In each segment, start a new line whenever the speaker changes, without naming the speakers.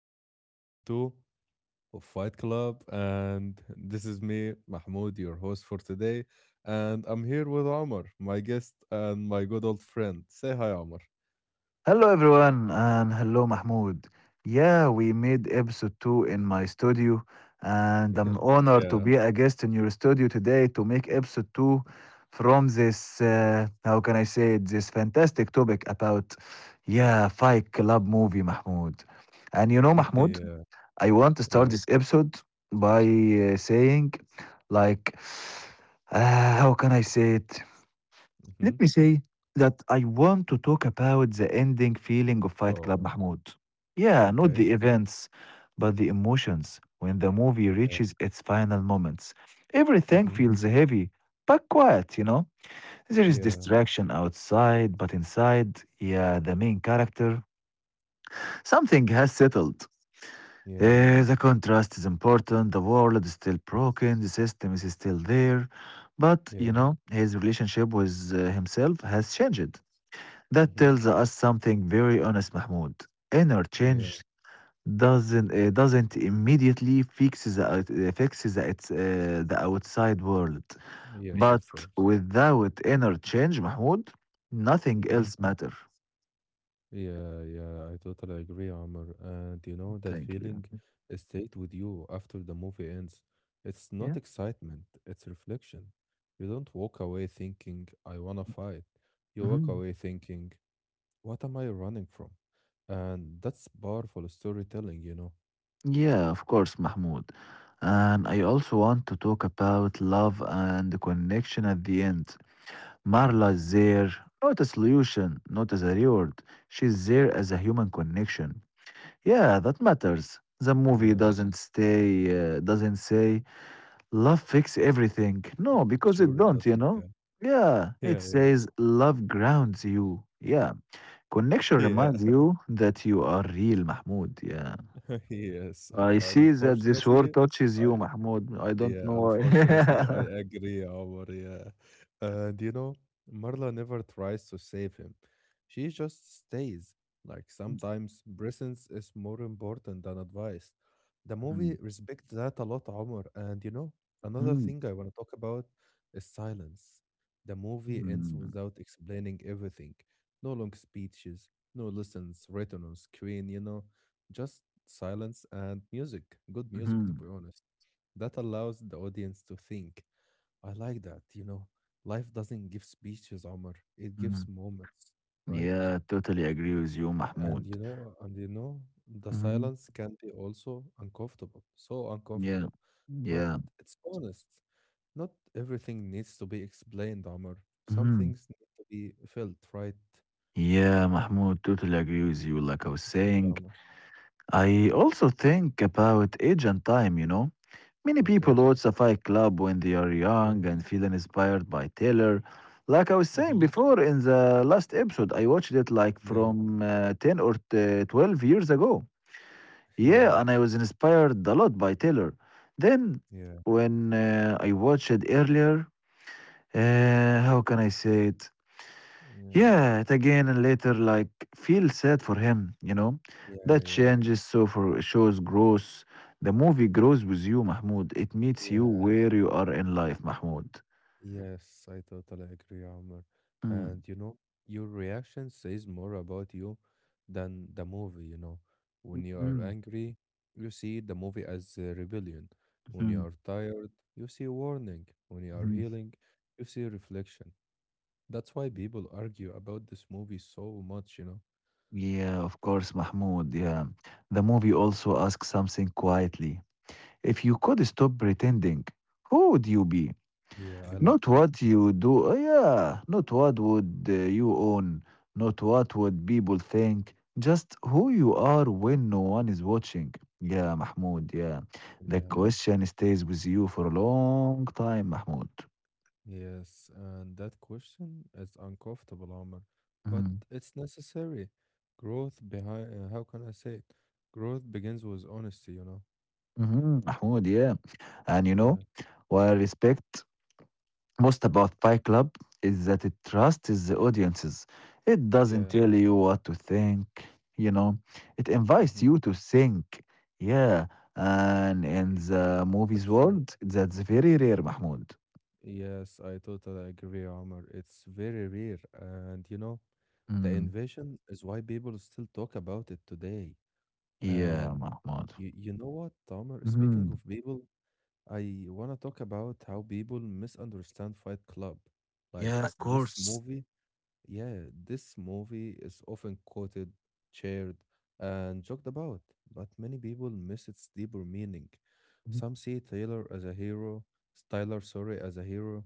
This is episode 2 of Fight Club, and this is me, Mahmoud, your host for today. And I'm here with Omar, my guest and my good old friend. Say hi, Omar.
Hello everyone and hello Mahmoud. Yeah, we made episode 2 in my studio, and I'm
Yeah.
honored to be a guest in your studio today to make episode 2 from this how can I say it, this fantastic topic about, yeah, Fight Club movie, Mahmoud. And you know,
Yeah,
Mahmoud, I
yeah.
want to start this episode by saying, like, how can I say it,
Hmm.
let me say that I want to talk about the ending feeling of
Oh,
Fight Club, Mahmoud. Yeah,
okay.
not the events, but the emotions when the
Yeah.
movie reaches its final moments.
Hmm.
Everything feels heavy, but quiet, you know? There is
Yeah,
distraction outside, but inside, yeah, the main character, something has settled.
yeah,
The contrast is important, the world is still broken, the system is still there, but
yeah.
you know, his relationship with himself has changed.
Hmm.
That tells us something very honest, Mahmoud. Inner
Yeah,
change doesn't immediately fix the the outside world,
yes, of
but
course.
without inner change, Mahmoud, nothing
Mm-hmm.
else matter.
Yeah, yeah, I totally agree, Amr. And you know, that
Thank
feeling
you.
stayed with you after the movie ends. It's not
Yeah.
excitement, it's reflection. You don't walk away thinking, I wanna fight. You walk
Hmm.
away thinking, what am I running from? And that's powerful storytelling, you know?
Yeah, of course, Mahmoud. And I also want to talk about love and connection at the end.
Yeah,
Marla is there, not a solution, not as a reward. She's there as a human connection. Yeah, that matters. The movie
yeah.
doesn't stay, doesn't say love fix everything. No, because
Sure,
it
it
don't,
doesn't.
you
Yeah,
know? Yeah,
yeah,
it
yeah,
says love grounds you. Yeah. Connection
yeah.
reminds you that you are real, Mahmoud. Yeah.
Yes,
I see that this
unfortunately,
word touches
I
you, Mahmoud. I
Yeah,
don't know why.
unfortunately, I agree, Omar. Yeah. And you know, Marla never tries to save him. She just stays. Like sometimes presence is more important than advice. The movie
Mhm,
respects that a lot, Omar. And you know, another thing
mhm,
I want to talk about is silence. The movie ends
mhm,
without explaining everything. No long speeches, no lessons written on screen, you know, just silence and music. Good music, to be
mhm,
honest. That allows the audience to think. I like that, you know. Life doesn't give speeches, Omar. It gives
mhm.
moments, right?
Yeah, totally agree with you, Mahmoud.
The silence
Mhm.
can be also uncomfortable, so uncomfortable.
Yeah.
But
Yeah.
it's honest. Not everything needs to be explained, Omar. Some
Mhm.
things need to be felt, right?
Yeah, Mahmoud, totally agree with you. Like I was
Thank you,
saying,
Omar.
I also think about age and time, you know. Many
Okay.
people watch the Fight Club when they are
Yeah.
young and feel inspired by Taylor. Like I was
Hmm.
saying before in the last episode, I watched it like
Yeah.
from 10 or 12 years ago.
Yeah.
Yeah, and I was inspired a lot by Taylor. Then,
Yeah.
when I watched it earlier, how can I say it?
Yeah.
Yeah, it again and later like feel sad for him, you know.
Yeah.
That
Yeah.
changes so for shows grows. The movie grows with you, Mahmoud. It meets you
Yeah.
where you are in life, Mahmoud.
Yes, I totally agree, Amr. And
Mm,
you know, your reaction says more about you than the movie, you know. When you are
mm,
angry, you see the movie as a rebellion. When you are
mhm,
tired, you see warning. When you are
mhm.
healing, you see reflection. That's why people argue about this movie so much, you know.
Yeah, of course, Mahmoud. Yeah. The movie also asks something quietly. If you could stop pretending, who would you be?
Yeah, I love
Not
that.
what you do, yeah, not what would you own, not what would people think, just who you are when no one is watching. Yeah, Mahmoud, yeah. The
Yeah.
question stays with you for a long time, Mahmoud.
Yes, and that question is uncomfortable, Omar, but
Mm-hmm.
it's necessary. Growth behind, how can I say it? Growth begins with honesty, you know?
Mm-hmm, Mahmoud, yeah. And you
Yeah,
know, while respect most about Fight Club is that it trusts the audiences. It doesn't
yeah.
tell you what to think, you know. It
Mm-hmm.
invites you to think. Yeah, and in the movies
Sure.
world, that's very rare, Mahmoud.
Yes, I totally agree, Omar. It's very rare. And, you know, the
Mm,
invasion is why people still talk about it today. And
yeah, Mahmoud.
you know what, Omar? Speaking
Mhm.
of people, I want to talk about how people misunderstand Fight Club. Like,
Yeah, of
this
course.
movie Yeah, this movie is often quoted, shared, and joked about, but many people miss its deeper meaning. Some see Taylor as a hero, Styler, sorry, as a hero.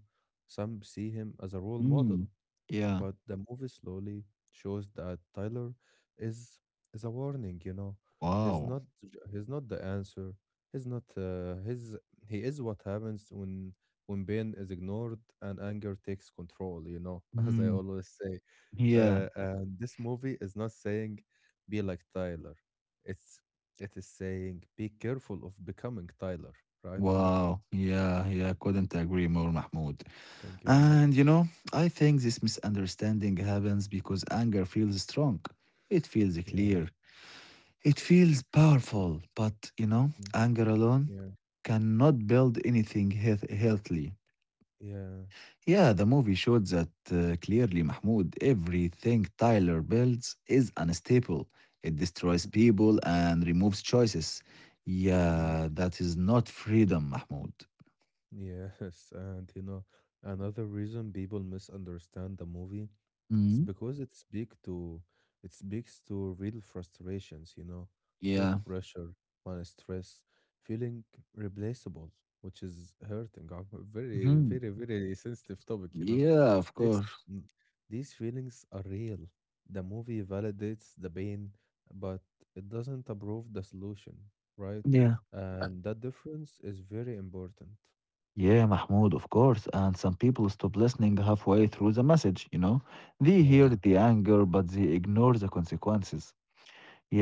Some see him as a role model,
Mhm. Yeah.
but the movie slowly shows that Tyler is is a warning. You know,
Wow.
he's not the answer. He's not his. He is what happens when pain is ignored and anger takes control. You know, as I
Mm,
always say.
yeah.
And this movie is not saying be like Tyler. It's it is saying be careful of becoming Tyler, right, Amr?
Wow. Yeah. Yeah. Couldn't agree more, Mahmoud.
Thank you, Amr.
And you know, I think this misunderstanding happens because anger feels strong. It feels
Yeah.
clear. It feels powerful. But you know,
Mm.
anger alone
Yeah.
cannot build anything healthy.
Yeah.
Yeah, the movie showed that clearly, Mahmoud. Everything Tyler builds is unstable. It destroys
Hmm.
people and removes choices.
Yeah.
Yeah, that is not freedom, Mahmoud.
Yes. And you know, another reason people misunderstand the movie. It's
Mhm.
because it speaks to real frustrations, you know, work
Yeah.
pressure, money stress, feeling replaceable, which is hurting. Very, very,
Mhm.
very sensitive topic, you know.
Yeah, of
This
course.
mm, these feelings are real. The movie validates the pain, but it doesn't approve the solution, right?
Yeah.
And that difference is very important.
Yeah, Mahmoud, of course. And some people stop listening halfway through the message, you know? They hear
Yeah.
the anger, but they ignore the consequences.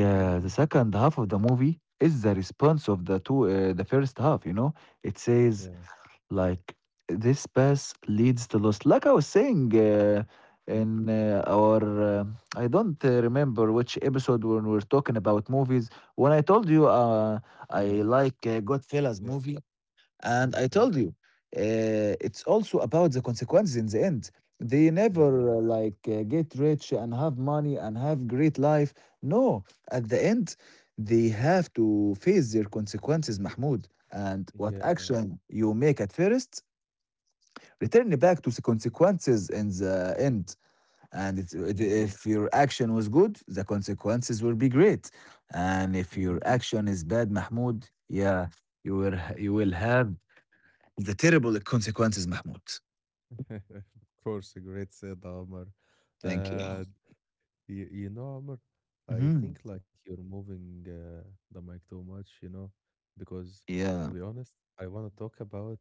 Mm-hmm.
the second half of the movie is the response of the first half, you know? It says,
Yeah.
like, this pass leads to loss. Like I was saying
Mm.
in our, uh, I don't remember which episode when we were talking about movies. When I told you I
Yeah.
like Goodfellas
Yeah.
movie, and I
Okay.
told you, it's also about the consequences in the end. They
Yeah.
never like get rich and have money and have great life. No, at the end, they have to face their consequences, Mahmoud. And
Yeah.
what action you make at first, return back to the consequences in the end. And
Yeah.
if your action was good, the consequences will be great. And if your
Mhm.
action is bad, Mahmoud, yeah, you will have the terrible consequences, Mahmoud.
Of course, a great said, Omar.
Thank you.
Uh, Omar, I
Hmm.
think like you're moving the mic too much, you know, because to be
Yeah.
honest, I want to talk about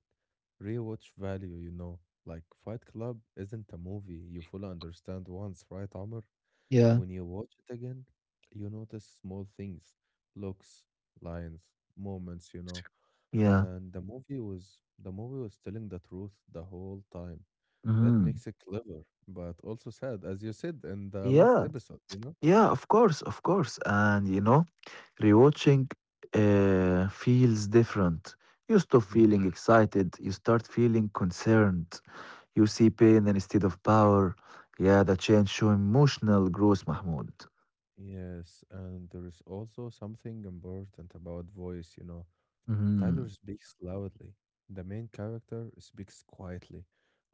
rewatch value, you know. Like Fight Club isn't a movie you fully understand once, right, Omar?
Yeah.
When you watch it again, you notice small things, looks, lines, moments, you know.
Yeah.
And the movie was telling the truth the whole time. That
Mhm.
makes it clever, but also sad, as you said in the last
Yeah.
episode, you know?
Yeah, of course, of course. And you know, rewatching feels different. You stop
hmm
feeling excited, you start feeling concerned. You see pain instead of power. Yeah, the change show emotional growth, Mahmoud.
Yes, and there is also something important about voice, you know. Tyler
Hmm.
speaks loudly. The main character speaks quietly.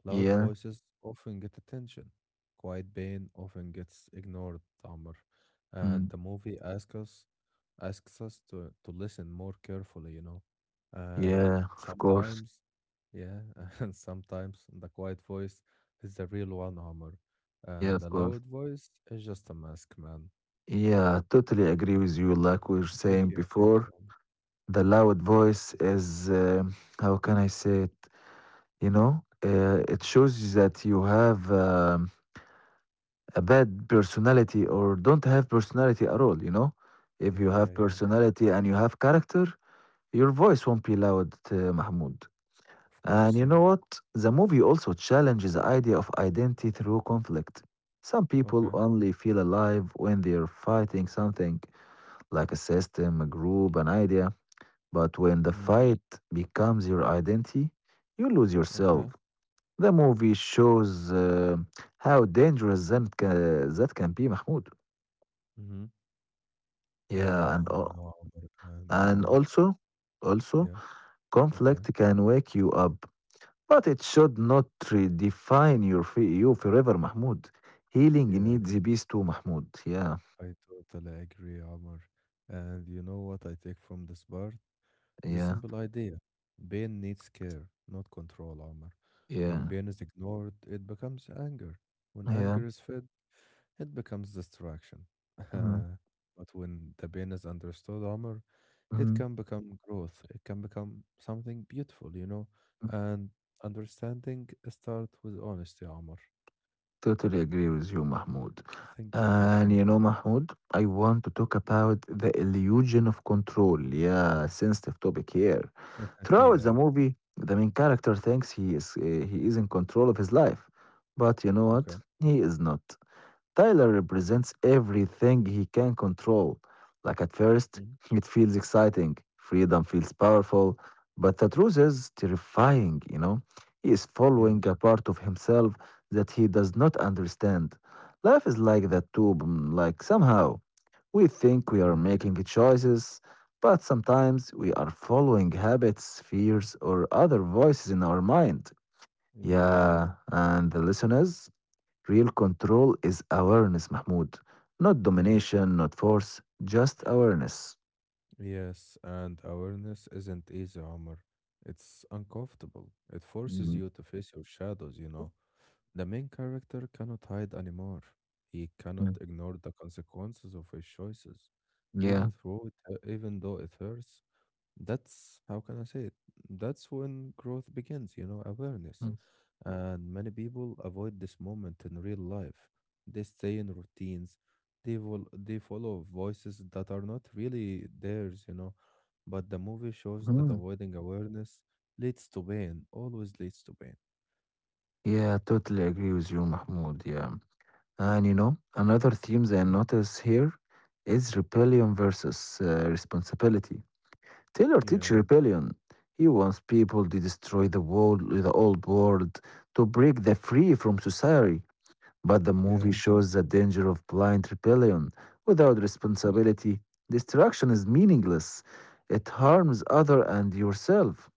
Loud
Yeah.
voices often get attention. Quiet pain often gets ignored, Tamar. And the
Mhm.
movie asks us to listen more carefully, you know. And
Yeah, of course.
sometimes, yeah, and sometimes the quiet voice is the real one, Amr. And
Yeah,
the
of course.
loud voice is just a mask, man.
Yeah, totally agree with you, like we were
Thank
saying
you, thank you.
before. The loud voice is, how can I say it? You
Mhm.
know, it shows you that you have a bad personality or don't have personality at all, you know? If you
Yeah,
have
yeah,
personality and you have character, your voice won't be loud, Mahmoud.
of course,
And you
yeah.
know what? The movie also challenges the idea of identity through conflict. Some people
Okay.
only feel alive when they're fighting something, like a system, a group, an idea. But when the fight becomes your identity, you lose
Okay.
yourself. The movie shows how dangerous that can be, Mahmoud.
Mhm.
Yeah, and
I know, Omar, and you know
and
what?
also,
Yeah, okay,
conflict can wake you up, but it should not redefine your you forever, Mahmoud. Healing
yeah,
needs peace too, Mahmoud. Yeah,
I totally agree, Omar. And you know what I take from this part? It's a
yeah,
simple idea. Pain needs care, not control, Omar. When
yeah,
pain is ignored, it becomes anger. When
yeah.
anger is fed, it becomes distraction.
Mm,
But when the pain is understood, Omar, it
mm.
can become growth. It can become something beautiful, you know? And understanding starts with honesty, Omar.
Totally agree with you, Mahmoud.
Thank you, thank you.
And
Omar.
you know, Mahmoud, I want to talk about the illusion of control. Yeah, sensitive topic here. Throughout
Yeah,
the movie, the main character thinks he is in control of his life, but you know what?
okay.
He is not. Tyler
Yeah.
represents everything he can control. Like at first,
Mhm.
it feels exciting, freedom feels powerful, but the truth is terrifying, you know? He is
Yeah.
following a part of himself that he does not understand. Life is like
Mm.
that too, like somehow we think we are
Yeah.
making choices, but sometimes we are following habits, fears, or other voices in our mind.
Yeah.
Yeah, and the listeners? Real control is awareness, Mahmoud. Not
Yeah.
domination, not force, just awareness.
Yes. And awareness isn't easy, Omar. It's uncomfortable. It forces
Mm,
you to face your shadows, you know. The main character cannot hide anymore. He cannot
mm,
ignore the consequences of his choices, even
yeah.
though it, even though it hurts. That's how can I say it? That's when growth begins, you know, awareness.
Mm,
And many people avoid this moment in real life. They stay in routines. They will. They follow voices that are not really theirs, you know. But the movie shows that
mhm.
avoiding awareness leads to pain. Always leads to pain.
Yeah, totally agree with you, Mahmoud. Yeah. And you know, another theme that I
Mhm.
notice here is rebellion versus responsibility. Taylor
Yeah.
teach rebellion. He wants people to destroy the world, the old world, to break the free from society. But the
Yeah.
movie shows the danger of blind rebellion. Without
Mhm.
responsibility, destruction is meaningless. It harms other and yourself.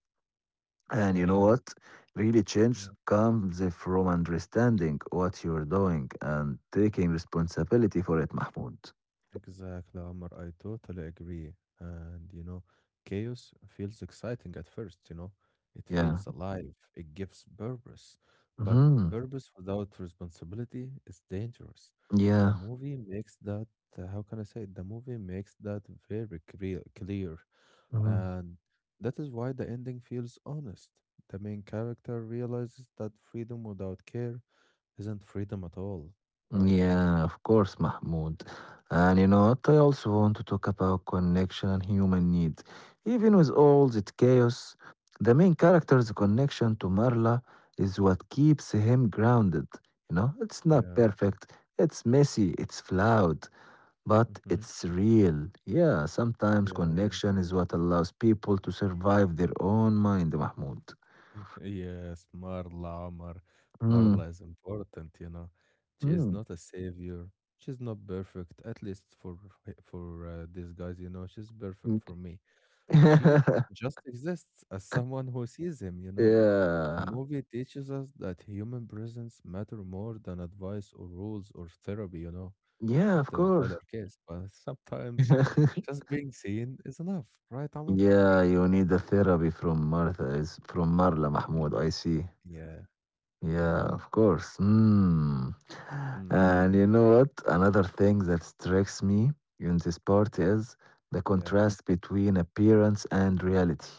And you know
Yeah,
what? Really
yeah,
change comes from understanding what you're doing and taking responsibility for it, Mahmoud.
exactly, Omar. I totally agree. And you know, chaos feels exciting at first, you know, it feels
Yeah.
alive, it gives purpose. But
Hmm.
purpose without responsibility is dangerous. The
Yeah.
movie makes that, how can I say it? The movie makes that very clear, clear.
Mhm.
And that is why the ending feels honest. The main character realizes that freedom without care isn't freedom at all, right?
Yeah, of course, Mahmoud. And you know what? I also want to talk about connection and human needs. Even with all that chaos, the main character's connection to Marla is what keeps him grounded. You know, it's not
Yeah.
perfect, it's messy, it's flawed, but
Mhm.
it's real. Yeah, sometimes
Yeah.
connection is what allows people to survive their own mind, Mahmoud.
Yes, Marla, Omar.
Mm,
Marla is important, you know. She is
mm,
not a savior. She's not perfect, at least for these guys, you know. She's perfect
mm.
for me. She just exists as someone who sees him, you know. The
Yeah.
movie teaches us that human presence matter more than advice or rules or therapy, you know.
Yeah,
Not
of
in
course.
Tyler case, but sometimes just being seen is enough, right, Amr?
Yeah, you need a therapy from Martha. Is from Marla, Mahmoud. I see.
Yeah.
Yeah,
Mm,
of course. Mm.
mm,
And you know what? Another thing that strikes me in this part is the
yeah.
contrast between appearance and reality.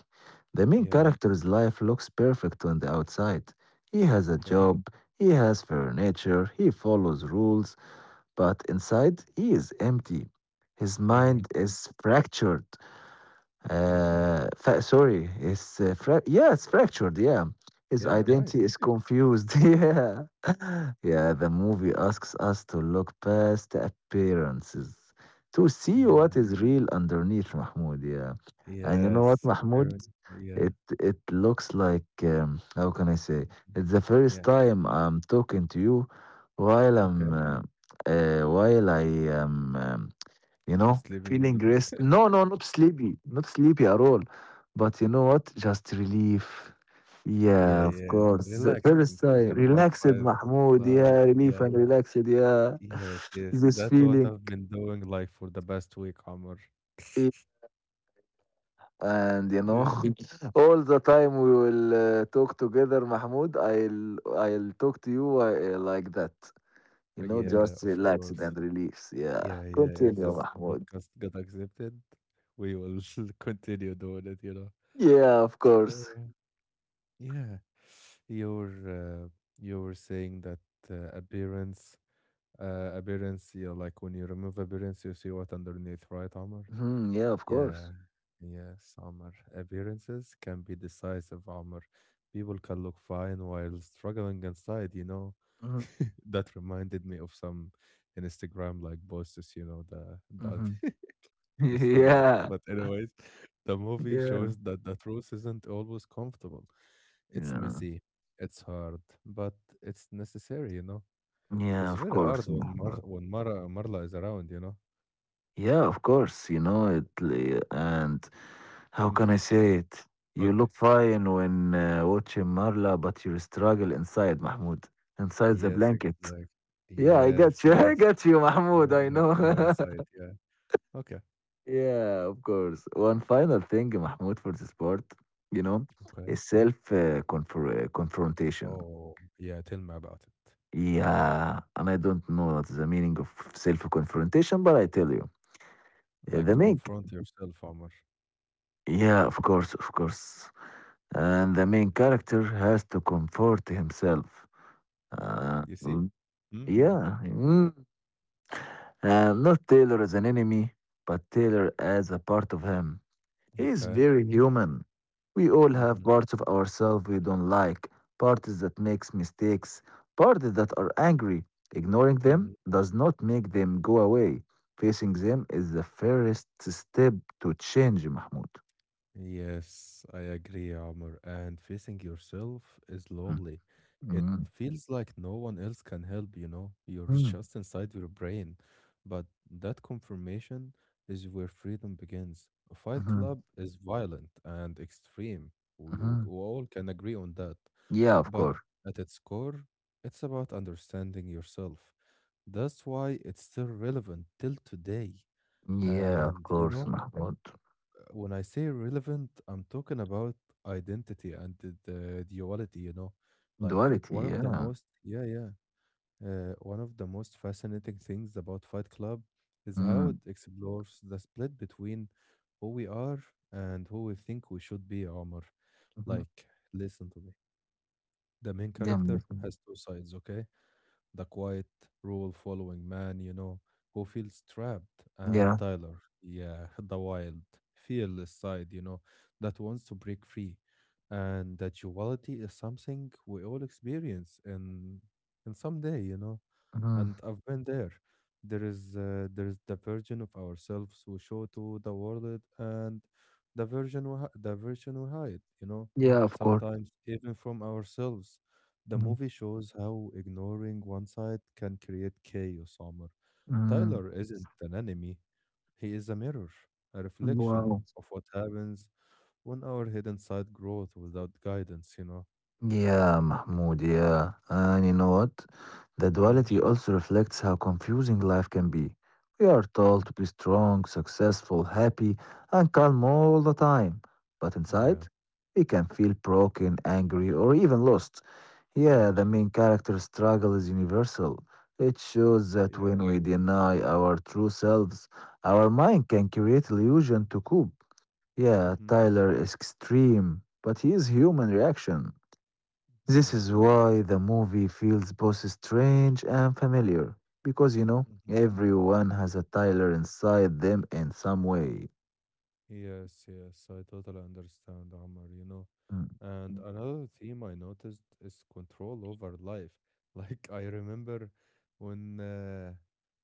The main
Yeah,
character's life looks perfect on the outside. He has a
okay,
job, he has furniture, he follows rules, but inside he is empty. His
yeah,
mind is fractured.
mhm.
Sorry, yeah, it's fractured. Yeah, his
Yeah, right,
identity is confused. Yeah, yeah. The movie asks us to look past the appearances to see what
yeah.
is real underneath, Mahmoud. Yeah, and you know what,
Yes,
Mahmoud?
apparently, yeah,
It looks like, how can I say?
mhm,
It's the first
yeah,
time I'm talking to you while I'm
okay,
uh, while I am. You know,
sleeping on the
feeling
bed.
rest. No, no, not sleepy, not sleepy at all. But you know what? Just relief.
Yeah,
Yeah, of
yeah,
course. The
relaxing,
first time,
talking about
relaxed,
Fight
Mahmoud.
Club,
Yeah, relief
yeah.
and relaxed. Yeah,
Yes, yes,
this
that's what
feeling.
I've been doing, like, for the past week, Omar.
eh, And you know,
Yeah.
all the time we will talk together, Mahmoud. I'll talk to you like that. You know,
Yeah,
just
of
relaxed
course.
and relief. Yeah,
Yeah, yeah, if
continue,
this
Mahmoud.
podcast got accepted, we will continue doing it, you know?
Yeah, of
So
course.
yeah, you're uh, you're saying that uh, appearance, appearance. You know, like when you remove appearance, you see what underneath, right, Amr?
Mhm, yeah, of course.
Yeah, yes, Amr. Appearances can be decisive, Amr. People can look fine while struggling inside. You know,
Mhm,
that reminded me of some Instagram like posts. You know, the
mhm.
this funny was.
Yeah,
But anyways, the movie
yeah,
shows that the truth isn't always comfortable. It's
yeah,
messy, it's hard, but it's necessary, you know.
yeah.
It's
Of
very hard
course,
when Mar
Muhammad.
when Mara Marla is around, you know.
Yeah, of course. You know it, li- and how can I say
Yeah.
it? You
Okay.
look fine when watching Marla, but you struggle inside, Mahmoud, inside the
Yes,
blanket.
exactly.
Yeah, I
Yes,
got you. I
yes.
got you, Mahmoud.
The
I
the
know.
downside, yeah. Okay.
Yeah, of course. One final thing, Mahmoud, for this part, you know,
Okay.
is self confrontation.
Oh, yeah, tell me about it.
Yeah, and I don't know what's the meaning of self-confrontation, but I tell you, uh,
Like
the
to
main,
confront yourself, Omar.
yeah, of course, and the main character has to comfort himself. Uh,
You see?
l-
Mm.
yeah, mm. Not Taylor as an enemy, but Taylor as a part of him. He's
Okay.
very human. We all have
Mm-hmm.
parts of ourselves we don't like, parts that makes mistakes, parts that are angry. Ignoring them
Mm-hmm.
does not make them go away. Facing them is the first step to change, Mahmoud.
Yes, I agree, Amr. And facing yourself is
Mm,
lonely. It
mm,
feels like no one else can help, you know? You're
mm,
just inside your brain. But that confirmation is where freedom begins. A Fight
mhm,
Club is violent and extreme. We
mhm.
all can agree on that.
Yeah, of
But
course.
at its core, it's about understanding yourself. That's why it's still relevant till today.
Yeah, of
And you
course,
know,
Mahmoud.
when I say relevant, I'm talking about identity and the duality, you know, like
Duality,
one of the
yeah.
most, yeah, yeah, one of the most fascinating things about Fight Club is how
Mm,
it explores the split between who we are and who we think we should be, Omar.
mhm.
Like, listen to me. The main
Yeah,
character
mhm.
has two sides, okay? The quiet rule following man, you know, who feels trapped, and
Yeah.
Tyler, yeah, the wild, fearless side, you know, that wants to break free. And that duality is something we all experience in some day, you know.
Mhm.
And I've been there. There is the version of ourselves we show to the world, and the version we hide, you know,
Yeah, of course.
sometimes even from ourselves. The
Mm,
movie shows how ignoring one side can create chaos, Omar.
mm.
Tyler isn't an enemy, he is a mirror, a reflection
Wow.
of what happens when our hidden side grows without guidance, you know?
Yeah, Mahmoud, yeah. And you know what? The
Yeah.
duality also reflects how confusing life can be. We are told
Mm-hmm.
to be strong, successful, happy, and calm all the time. But inside,
Yeah.
we can feel broken, angry, or even lost. Yeah,
Yeah.
the main character's struggle is universal. It shows that when
Yeah.
we deny our true selves, our mind can create illusion to cope. Yeah,
Mm-hmm.
Tyler is extreme, but he is human reaction. This
Yeah.
is why the movie feels both strange and familiar, because
Mm-hmm.
everyone has a Tyler
Yeah.
inside them in some way.
Yes, yes, I totally understand, Amr, you know.
Mm.
And another theme I noticed is control over life. Like I remember when uh,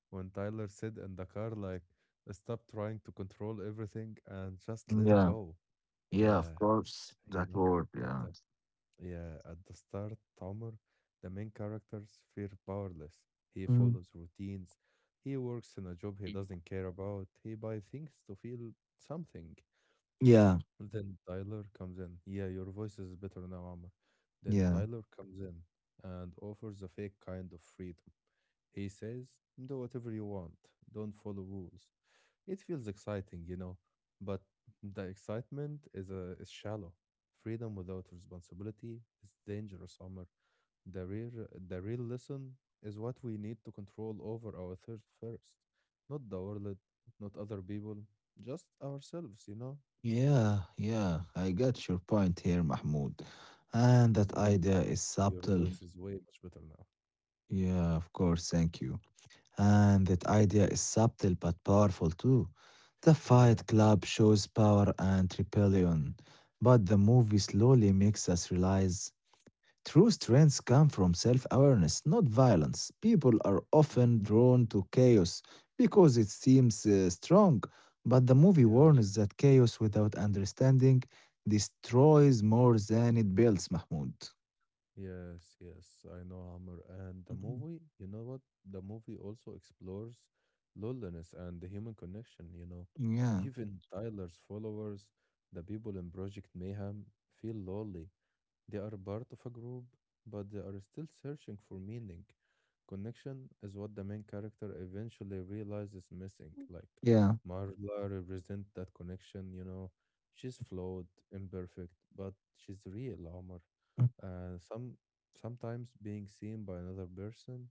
when Tyler said in the car, like, stop trying to control everything and just let
Yeah,
go.
yeah, of
Yeah,
course,
you
that
know.
word,
At
yeah.
the Yeah, at the start, Tomer, the main characters feel powerless. He
Mm.
follows routines. He works in a job he doesn't care about. He buys things to feel something,
Yeah,
then Tyler comes in. Yeah, your voice is better now, Amr. Then
yeah,
Tyler comes in and offers a fake kind of freedom. He says, do whatever you want, don't follow rules. It feels exciting, you know, but the excitement is shallow. Freedom without responsibility is dangerous, Amr. The real lesson is what we need to control over our thirst first, not the world, not other people, just ourselves, you know?
yeah, yeah. I got your point here, Mahmoud. And that
Mm.
idea is
Your
subtle.
voice is way much better now.
Yeah, of course, thank you. And that idea is subtle but powerful too. The
Yeah.
Fight Club shows power and rebellion, but the movie slowly makes us realize true strengths come from self awareness, not violence. People are
Mm.
often drawn to chaos because it seems strong, but the movie
Yeah.
warns that chaos without understanding destroys more than it builds, Mahmoud.
Yes, yes. I know Hammer. And the
Mhm.
movie, you know what? The movie also explores loneliness and the human connection, you know.
Yeah,
Even Tyler's followers, the people in Project Mayhem, feel lonely. They are part of a group, but they are still searching for meaning. Connection is what the main character eventually realizes missing. Like
yeah.
Marla represents that connection, you know. She's flawed, imperfect, but she's real, Omar.
Mm.
And some Sometimes being seen by another person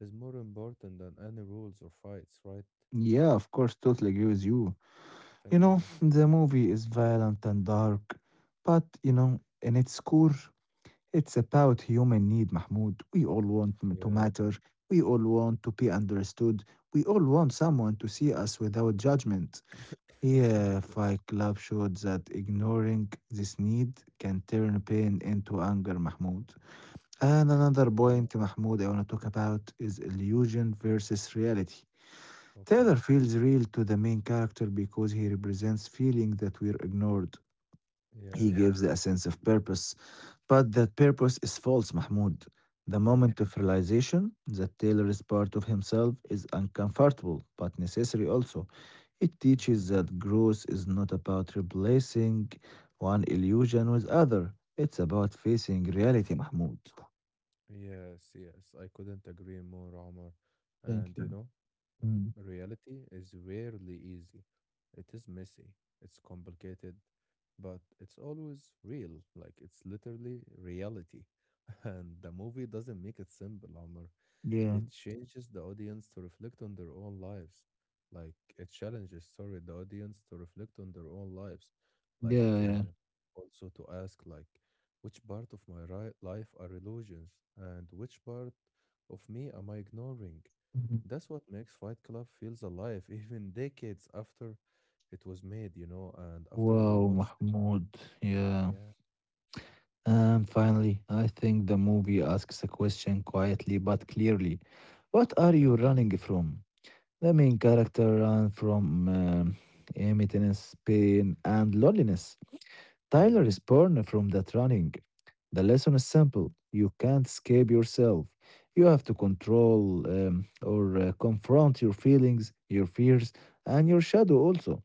is more important than any rules or fights, right?
Yeah, of course, totally agree with you. You
Thank you,
know,
Omar.
the movie is violent and dark, but in its core, it's about human need, Mahmoud. We all want m- to
Yeah,
matter. We all want to be understood. We all want someone to see us without judgment. Yeah,
of course.
Fight Club showed that ignoring this need can turn pain into anger, Mahmoud. And another point,
Yeah.
Mahmoud, I want to talk about is illusion versus reality. Taylor
Okay.
feels real to the main character because he represents feelings that were ignored. He Yeah.
Yeah.
gives Yeah. a sense of purpose, but that purpose is false, Mahmoud. The moment
Yeah.
of realization that Taylor is part of himself is uncomfortable, but necessary also. It teaches
Mm-hmm.
that growth is not about replacing one illusion with other. It's about facing reality, Mahmoud.
Yes, yes, I couldn't agree more, Omar.
Thank
And you
you.
know,
Mm.
reality is rarely easy. It is messy, it's complicated, but it's always real. Like it's literally reality. And the movie doesn't make it simple, Omar.
Yeah.
It changes the audience to reflect on their own lives. Like it challenges, sorry, the audience to reflect on their own lives.
Yeah.
Like
Yeah.
also to ask, like, which part of my ri life are illusions, and which part of me am I ignoring?
Mhm.
That's what makes Fight Club feels alive, even decades after it was made, you know, and after we
Wow,
watched.
Mahmoud. Yeah.
Yeah.
And finally, I think the movie asks a question quietly but clearly. What are you
Okay.
running from? The main character ran from emptiness, pain, and loneliness. Tyler
Yeah.
is born from that running. The lesson is simple. You can't escape yourself. You have to control or confront your feelings, your fears, and your shadow also.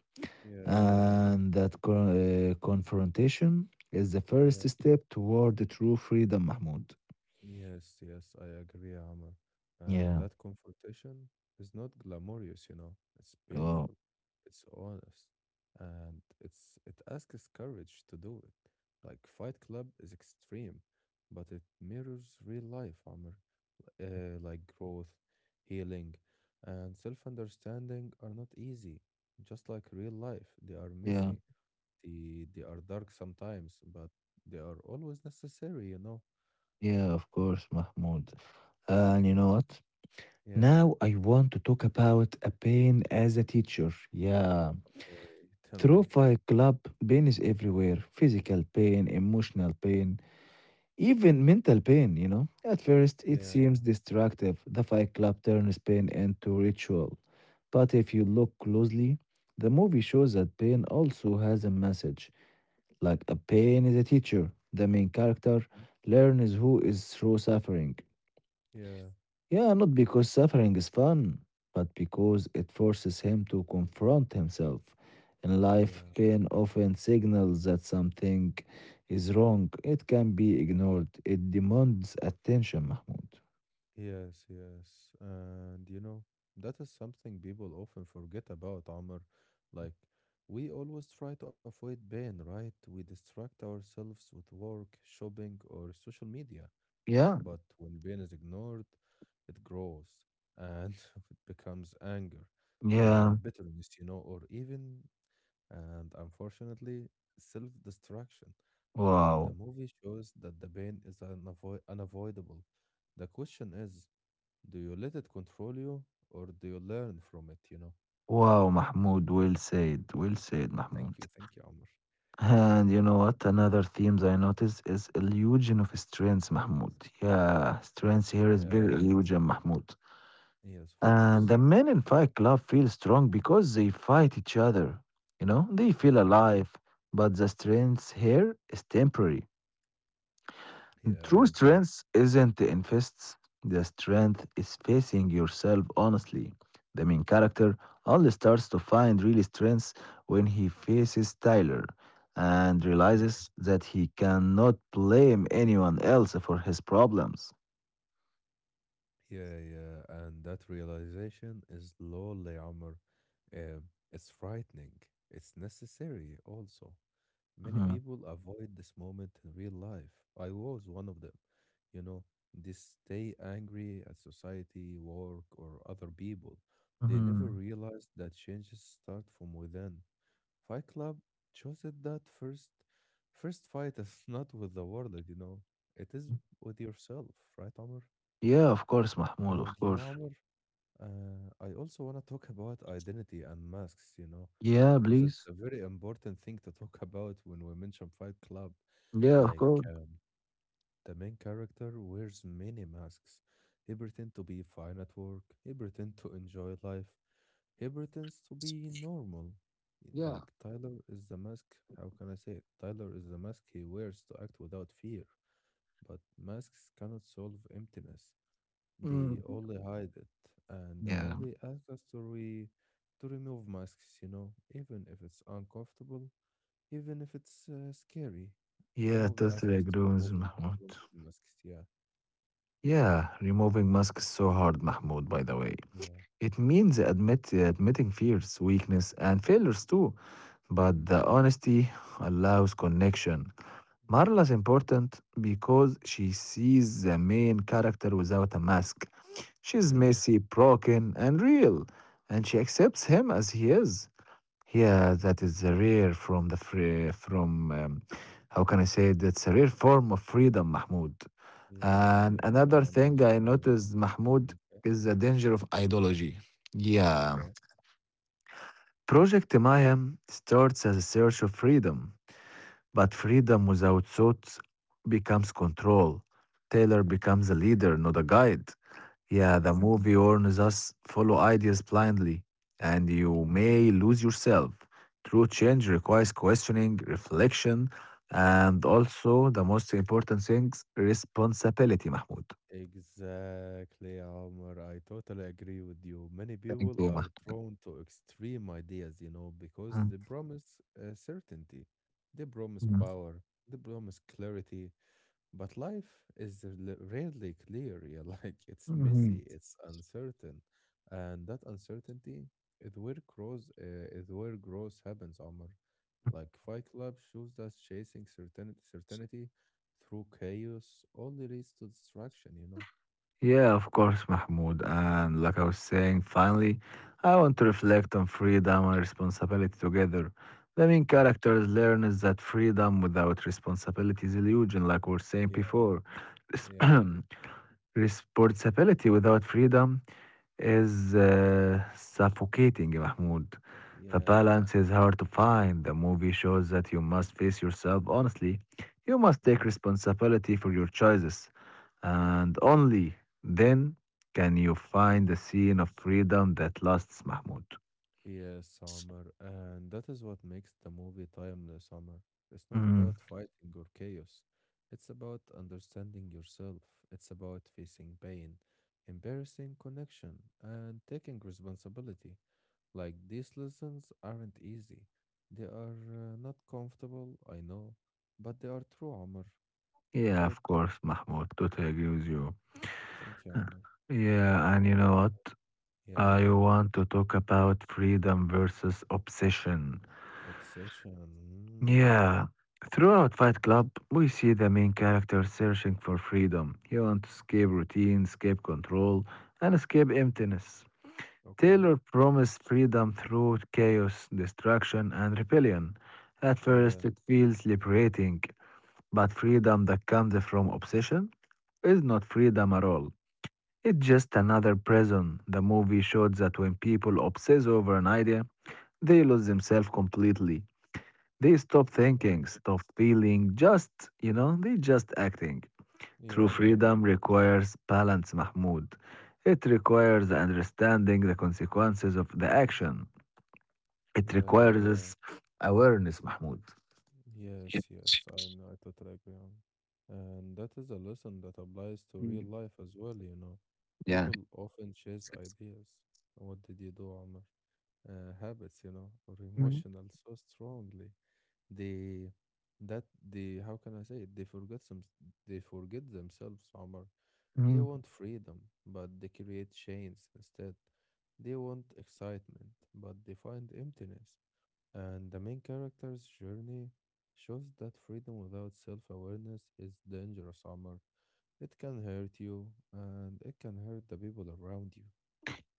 Yeah. Yeah.
And that confrontation is the first
Yeah.
step toward true freedom, Mahmoud.
Yes, yes, I agree, Amr.
Yeah.
And that confrontation is not glamorous, you know. It's
Oh,
painful, it's honest, and it asks courage to do it. Like Fight Club is extreme, but it mirrors real life, Amr. Like growth, healing, and self-understanding are not easy. Just like real life, they are
yeah.
messy. They are dark sometimes, but they are always necessary, you know.
Yeah, of course, Mahmoud. And you know
Yeah,
what?
yeah.
Now I want to talk about a pain as a teacher. Yeah.
Okay, tell
Through
me.
Fight Club, pain is everywhere physical pain, emotional pain, even mental pain, you know? At first, it seems
Yeah,
destructive. The Fight Club turns pain into ritual. But if you look closely, the movie shows that pain also has a message. Like a pain is a teacher. The main character
mm,
learns who is through suffering.
yeah,
Yeah, not because suffering is fun, but because it forces him to confront himself. In life,
yeah,
pain often signals that something is wrong. It can be
yeah.
ignored. It demands attention, Mahmoud.
Yes, yes. And you know, that is something people often forget about, Amr. Like, we always try to avoid pain, right? We distract ourselves with work, shopping, or social media.
Yeah,
But when pain is ignored, it grows, and it becomes anger,
yeah.
bitterness, you know, or even and unfortunately, self destruction. And the
Wow.
movie shows that the pain is unavoidable. The question is, do you let it control you, or do you learn from it? You know,
Wow, Mahmoud. Well said. Well said, Mahmoud.
thank you, Omar.
And you know what? Another themes I notice is illusion of strength, Mahmoud. Yeah, strength here is very
Yeah,
illusion, Mahmoud.
yes, of
And the
course.
men in Fight Club feel strong because they fight each other. You know, they feel
Hmm.
alive, but the strength here is temporary. The
Yeah,
true
I agree.
strength isn't in fists, the strength is facing yourself honestly. The main character only starts to find real strength when he faces Tyler and
Yeah.
realizes that he cannot blame anyone else for his problems.
Yeah, and that realization is lonely, Amr. It's frightening. It's necessary also. Many
Mhm,
people avoid this moment in real life. I was one of them. You know, they stay angry at society, work, or other people. They never
mhm.
realize that changes start from within. Fight Club shows it that first fight is not with the world, you know. It is with yourself, right, Amr?
Yeah, of course, Mahmoud, of
And you
course.
know, Amr, I also want to talk about identity and masks, you know,
Yeah,
because
please.
it's a very important thing to talk about when we mention Fight Club.
Yeah, of
Like,
course.
the main character wears many masks. He pretends to be fine at work, he pretends to enjoy life, he pretends to be normal.
Yeah.
Like, Tyler is the mask. How can I say it? Tyler is the mask he wears to act without fear, but masks cannot solve emptiness. They
Mm.
only hide it, and the
Yeah.
movie asks us to remove masks, you know, even if it's uncomfortable, even if it's scary. The
Yeah,
movie
totally
asks us
agree
to
with
remove them,
Mahmoud.
to remove masks. Yeah,
Yeah, removing masks is so hard, Mahmoud, by the way.
yeah,
It means admitting fears, weakness, and failures too. But
hmm,
the honesty allows connection. Marla's important because she sees the main character without a mask. She's
yeah,
messy, broken, and real, and she accepts him as he is. Yeah,
hmm,
that is a rare from the free, from how can I say it? That's a rare form of freedom, Mahmoud.
yes,
And
yes. I
another thing I
understand.
noticed, Mahmoud,
Mm, okay,
is the danger of ideology. Yeah,
okay,
Project Maya starts as a search of freedom, but freedom without thought becomes control. Taylor becomes a leader, not a guide. Yeah, the
yeah.
movie warns us follow ideas blindly, and you
Mm-hmm.
may lose yourself. True change requires questioning, reflection, and also the most important things responsibility, Mahmoud.
Exactly, Omar. I totally agree with you. Many
Thank
people
you,
are
Mahmoud.
drawn to extreme ideas, you know, because
Mm,
they promise certainty, they promise
mm,
power, they promise clarity. But life is rarely clear. Yeah, like it's
mhm.
messy, it's uncertain, and that uncertainty is where grows uh, is where growth happens, Omar. Like Fight Club shows us chasing certainty through chaos only leads to destruction, you know.
Yeah, of course, Mahmoud. And like I was saying, finally, I want to reflect on freedom and responsibility together. The main
Okay.
characters learn is that freedom without responsibility is illusion, like we were saying
Yeah,
before.
yeah,
Responsibility without freedom is suffocating, Mahmoud. The
yeah.
balance is hard to find. The movie shows that you must face yourself honestly. You must take
Hmm.
responsibility for your choices. And only then can you find the scene of freedom that lasts, Mahmoud.
Yes, Omar. And that is what makes the movie timeless, Omar. It's not
Mm,
about fighting or chaos. It's about understanding yourself. It's about facing pain, embarrassing connection, and taking responsibility. Like these lessons aren't easy. They are not comfortable, I know, but they are true, Omar.
yeah, of
Right?
course, Mahmoud. Totally agree with you.
Thank you,
Huh.
Omar.
Yeah, and you know what?
Yeah,
I
yeah, Omar.
want to talk about freedom versus obsession.
Obsession.
Yeah. Throughout Fight Club, we see the main character searching for freedom. He wants to escape routine, escape control, and escape emptiness.
Mm.
Taylor
Okay.
promised freedom through chaos, destruction, and rebellion. At first,
Yeah,
it feels liberating, but freedom that comes from obsession is not freedom at all. It's just another prison. The movie showed that when people obsess over an idea, they lose themselves completely. They stop thinking,
yeah,
stop feeling, just, you know, they just acting. True
yeah, right.
freedom requires balance, Mahmoud. It requires understanding the consequences of the action. It
Yeah,
requires
yeah.
awareness, Mahmoud. Yes.
Yes, yes, I totally agree on. And that is a lesson that applies to
Mm.
real life as well, you know.
Yeah.
People often chase ideas. What did you do, Amr? Habits, you know, or
Mm,
emotional so strongly. They they how can I say it? They forget themselves, Amr. They
mm.
want freedom, but they create chains instead. They want excitement, but they find emptiness. And the main character's journey shows that freedom without self awareness is dangerous, Omar. It can hurt you, and it can hurt the people around you.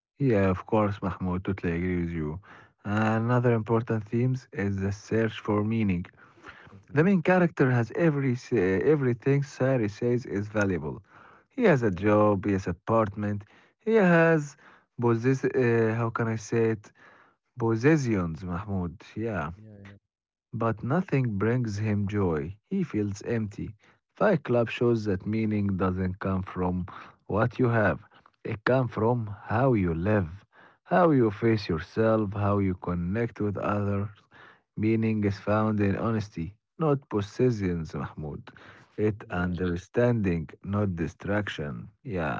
Yeah, of course, Mahmoud, totally agree with you. Another important themes is the search for meaning. The main
Hmm.
character has every sa- Everything Sari says is valuable. He has a
Yeah,
job, he has apartment, he has possess how can I say it? Possessions, Mahmoud. Yeah.
yeah,
But nothing brings him joy. He feels empty. Fight Club shows that meaning doesn't come from what you have, it comes from how you live, how you face yourself, how you connect with others. Meaning is found in honesty, not possessions, Mahmoud. It
yeah.
understanding, not distraction. Yeah.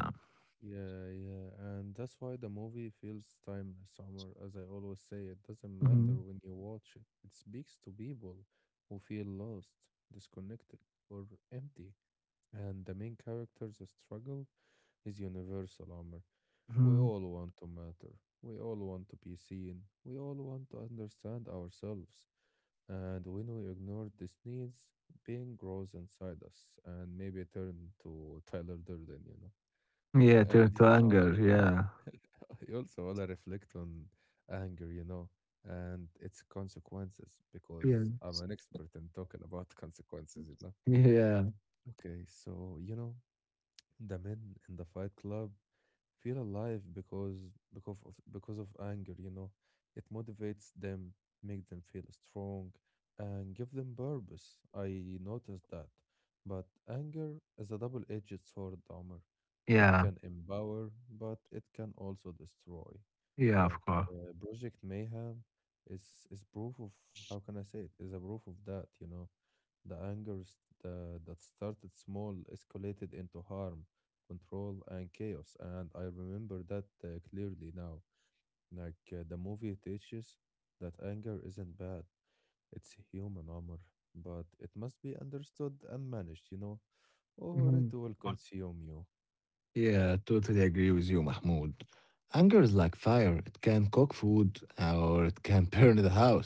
Yeah, and that's why the movie feels timeless, Omar. As I always say, it doesn't
Mhm.
matter when you watch it. It speaks to people who feel lost, disconnected, or empty. And the main character's struggle is universal, Omar. We
Mhm.
all want to matter. We all want to be seen. We all want to understand ourselves. And when we ignore these needs, pain grows inside us and maybe turn to Tyler Durden, you know.
Yeah, turn to
And you
anger.
know,
Yeah.
I also want to reflect on anger, you know, and its consequences
Yeah.
because I'm an expert in talking about consequences, you know.
Yeah.
Okay, so, you know, the men in the Fight Club feel alive because of anger, you know. It motivates them, make them feel strong, and give them purpose. I noticed that. But anger is a double-edged sword, Dahmer. It
Yeah.
can empower, but it can also destroy.
Yeah, of
Like
course.
Project Mayhem is proof of, how can I say it, is a proof of that, you know. The anger s- the, That started small, escalated into harm, control, and chaos. And I remember that clearly now. Like the movie teaches that anger isn't bad, it's human armor, but it must be understood and managed, you know, or
Mhm.
it will consume you.
Yeah, totally agree with you, Mahmoud. Anger is like fire. It can cook food or it can burn the house.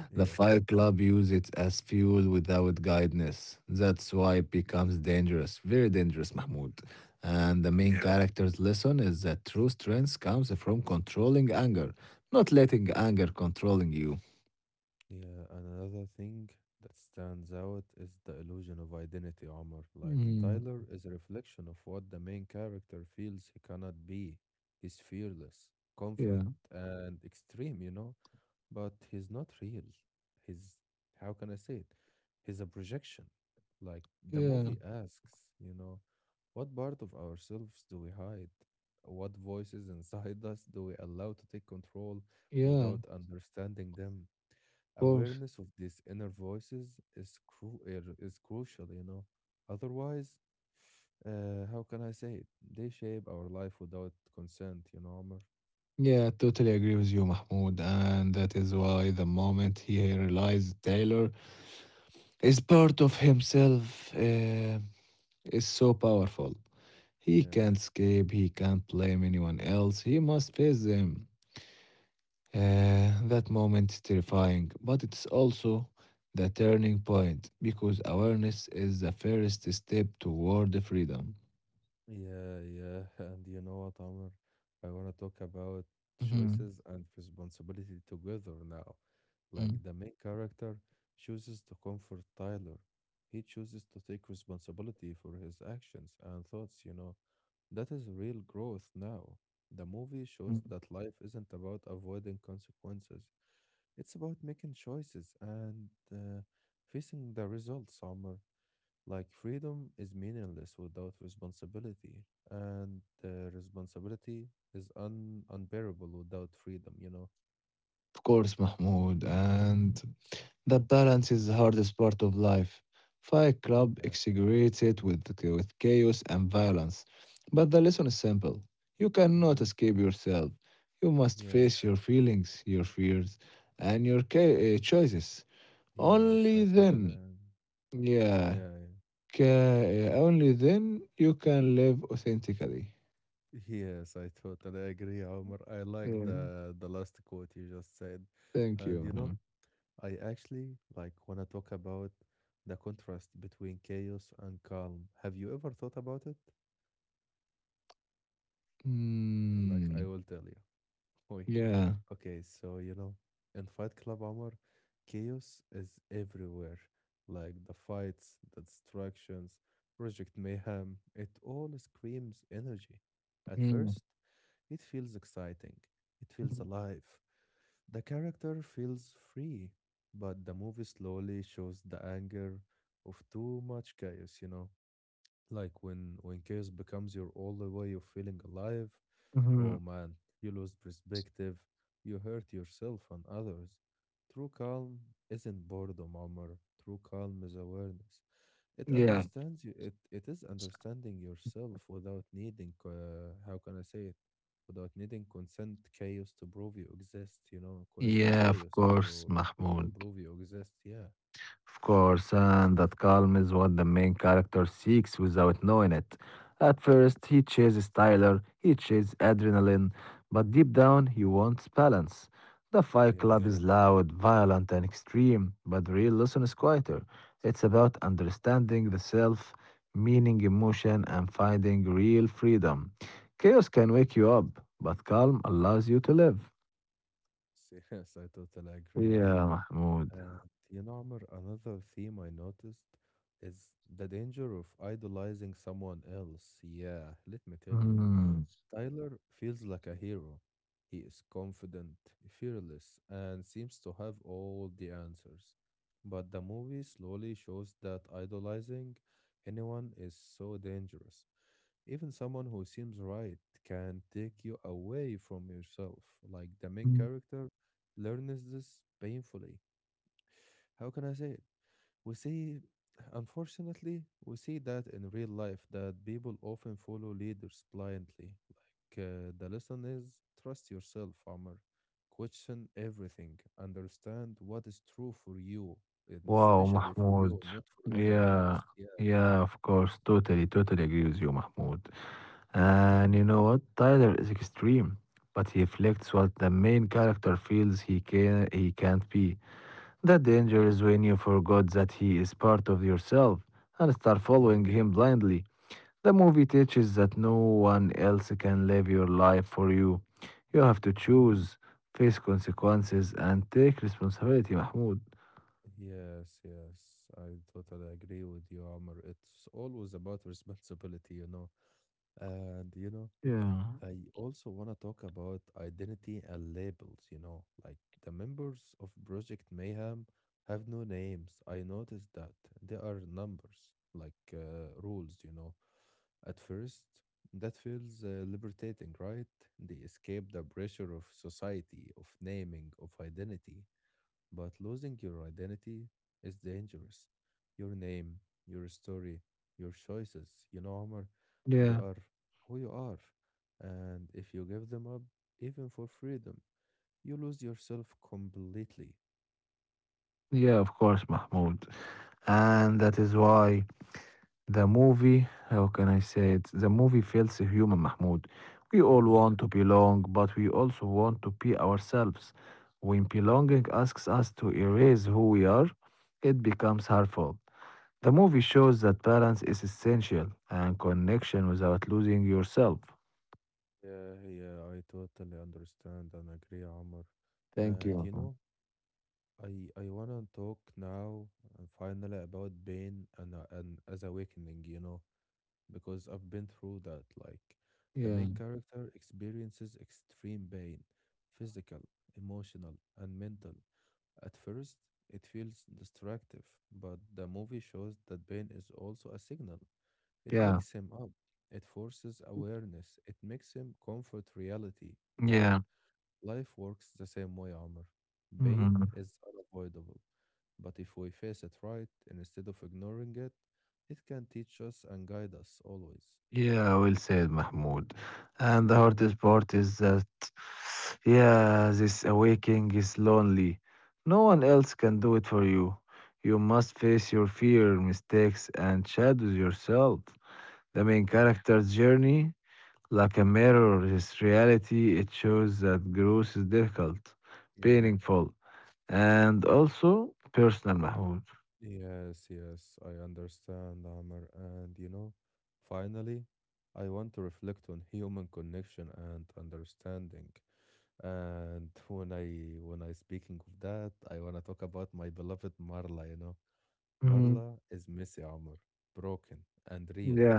The
Yeah,
fire club use it as fuel without guidance. That's why it becomes dangerous, very dangerous, Mahmoud. And the main Yeah.
yeah,
character's lesson is that true strength comes from controlling anger, not letting anger controlling you.
yeah. And another thing that stands out is the illusion of identity armor. Like
Mm,
Tyler is a reflection of what the main character feels he cannot be. He's fearless,
yeah,
confident, and extreme, you know, but he's not real. He's, how can I say it? He's a projection. Like the
yeah,
movie asks, you know, what part of ourselves do we hide? What voices inside us do we allow to take control
yeah, of
without understanding them?
course.
Awareness of these inner voices is, is crucial, you know. Otherwise, how can I say it? They shape our life without consent, you know, Omar.
Yeah, totally agree with you, Mahmoud. And that is why the moment he realized Taylor is part of himself is so powerful. He can't
Yeah.
escape, he can't blame anyone else, he must face them. That moment is terrifying, but it's also the turning point because awareness is the first step toward freedom.
Yeah, yeah. And you know what, Amr? I want to talk about
Mhm,
choices and responsibility together now.
mm,
Like the main character chooses to comfort Tyler. He chooses to take responsibility for his actions and thoughts, you know. That is real growth now. The movie
mm.
shows that life isn't about avoiding consequences. It's about making choices and, facing the results, Amr. Like freedom is meaningless without responsibility, and responsibility is un unbearable without freedom, you know?
Of course, Mahmoud. And the balance is the hardest part of life. Fight Club
Yeah.
exaggerates it with, chaos and violence. But the lesson is simple you cannot
Hmm.
escape yourself. You must face
Yeah.
your feelings, your fears, and your choices. Only
Yes, I
then,
totally.
yeah,
Yeah.
only then you can live authentically.
Yes, I totally agree, Omar. I like
Yeah.
the last quote you just said,
Thank
and you
you.
know, I actually like want to talk about the contrast between chaos and calm. Have you ever thought about it? And, like,
Mm,
I will tell you. Wait.
yeah.
Okay, so you know, in Fight Club, Omar, chaos is everywhere. Like the fights, the distractions, Project Mayhem, it all screams energy. At
Mm.
first, it feels exciting, it feels alive. The character feels free, but the movie slowly shows the anger of too much chaos, you know. Like when chaos becomes your only way of feeling alive,
Mm-hmm.
oh man, you lose perspective, you hurt yourself and others. True calm isn't boredom, Omar. True calm is awareness. It
Yeah,
understands you. It is understanding yourself without needing. How can I say it? Without needing consent chaos to prove you exist. You know,
yeah,
constant
of
chaos
course,
to
Mahmoud.
prove you exist. Yeah,
Of course, and that calm is what the main character seeks without knowing it. At first, he chases Tyler, he chases adrenaline, but deep down, he wants balance. The Fight Club Yeah.
yeah.
is loud, violent, and extreme, but the real lesson is quieter. It's about understanding the self, meaning emotion, and finding real freedom. Chaos can wake you up, but calm allows you to live.
Yes, I totally agree,
Yeah,
Omar.
Mahmoud.
And you know, Amr, another theme I noticed is the danger of idolizing someone else. Yeah, let me tell you.
Hmm.
Tyler feels like a hero. He is confident, fearless, and seems to have all the answers. But the movie slowly shows that idolizing anyone is so dangerous. Even someone who seems right can take you away from yourself. Like the main character learns this painfully, how can I say it? We see, unfortunately, we see that in real life that people often follow leaders blindly. Like the lesson is trust yourself, Amr. Question everything. Understand what is true for you, and
Wow,
especially for
Mahmoud.
you, not for anyone
Yeah,
else. Yeah,
yeah, of course. Totally, totally agree with you, Mahmoud.
thank
And you
you.
know what? Tyler is extreme, but he reflects what the main character feels he can't be. The danger
Hmm.
is when you forgot that he is part of yourself and start following
Yeah.
him blindly. The movie teaches that no one else can live your life for you. You have to
Hmm.
choose, face consequences, and take responsibility, Mahmoud.
Yes, yes, I totally agree with you, Amr. It's always about responsibility, you know. And you know,
Yeah,
I also want to talk about identity and labels, you know, like the members of Project Mayhem have no names. I noticed that they are numbers, like rules, you know. At first, that feels liberating, right? They escape the pressure of society, of naming, of identity. But losing your identity is dangerous. Your name, your story, your choices, you know, Omar,
yeah,
they are who you are. And if you give them up, even for freedom, you lose yourself completely.
yeah, of course, Mahmoud. And that is why the movie, how can I say it? The movie feels human, Mahmoud. We all want
Yeah,
to belong, but we also want to be ourselves. When belonging asks us to erase who we are, it becomes harmful. The movie shows that balance is essential and connection without losing yourself.
yeah, yeah, I totally understand and agree, Omar.
Thank you.
And
Mahmoud.
you know, I wanna talk now and finally about pain and, as awakening, you know, because I've been through that. Like,
Yeah,
the main character experiences extreme pain, physical, emotional, and mental. At first, it feels destructive, but the movie shows that pain is also a signal.
yeah,
It wakes him up, it forces awareness, it makes him comfort reality,
yeah.
right? Life works the same way, Amr.
Mhm.
Pain is unavoidable, but if we face it right, instead of ignoring it, it can teach us and guide us always.
Yeah, well said, Mahmoud. And the hardest part is that, yeah, this awakening is lonely. No one else can do it for you. You must face your fear, mistakes, and shadows yourself. The main
Yeah,
character's journey, like a mirror, is reality. It shows that growth is difficult,
yeah,
painful, and also personal, Mahmoud.
yes, yes, I understand, Amr. And you know, finally, I want to reflect on human connection and understanding. And when I speaking of that, I wanna talk about my beloved Marla, you know.
Mhm.
Marla is messy, Amr, broken and real.
Yeah,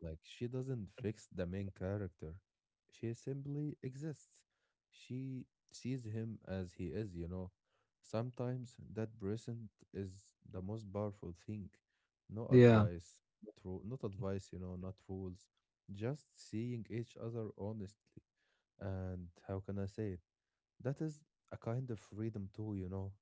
Like she doesn't fix the main character. She simply exists. She sees him as he is, you know. Sometimes that present is the most powerful thing. No
yeah,
advice, not advice, you know, not rules. Just seeing each other honestly. And how can I say it? That is a kind of freedom too, you know.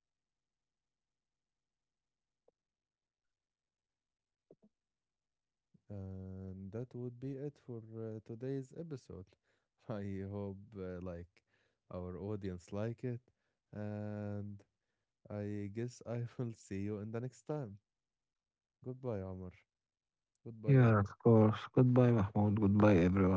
And that would be it for today's episode. I hope like our audience like it. And I guess I will see you in the next time. Goodbye, Amr.
yeah,
Goodbye,
of
everyone.
course. Goodbye, Mahmoud. Goodbye, everyone.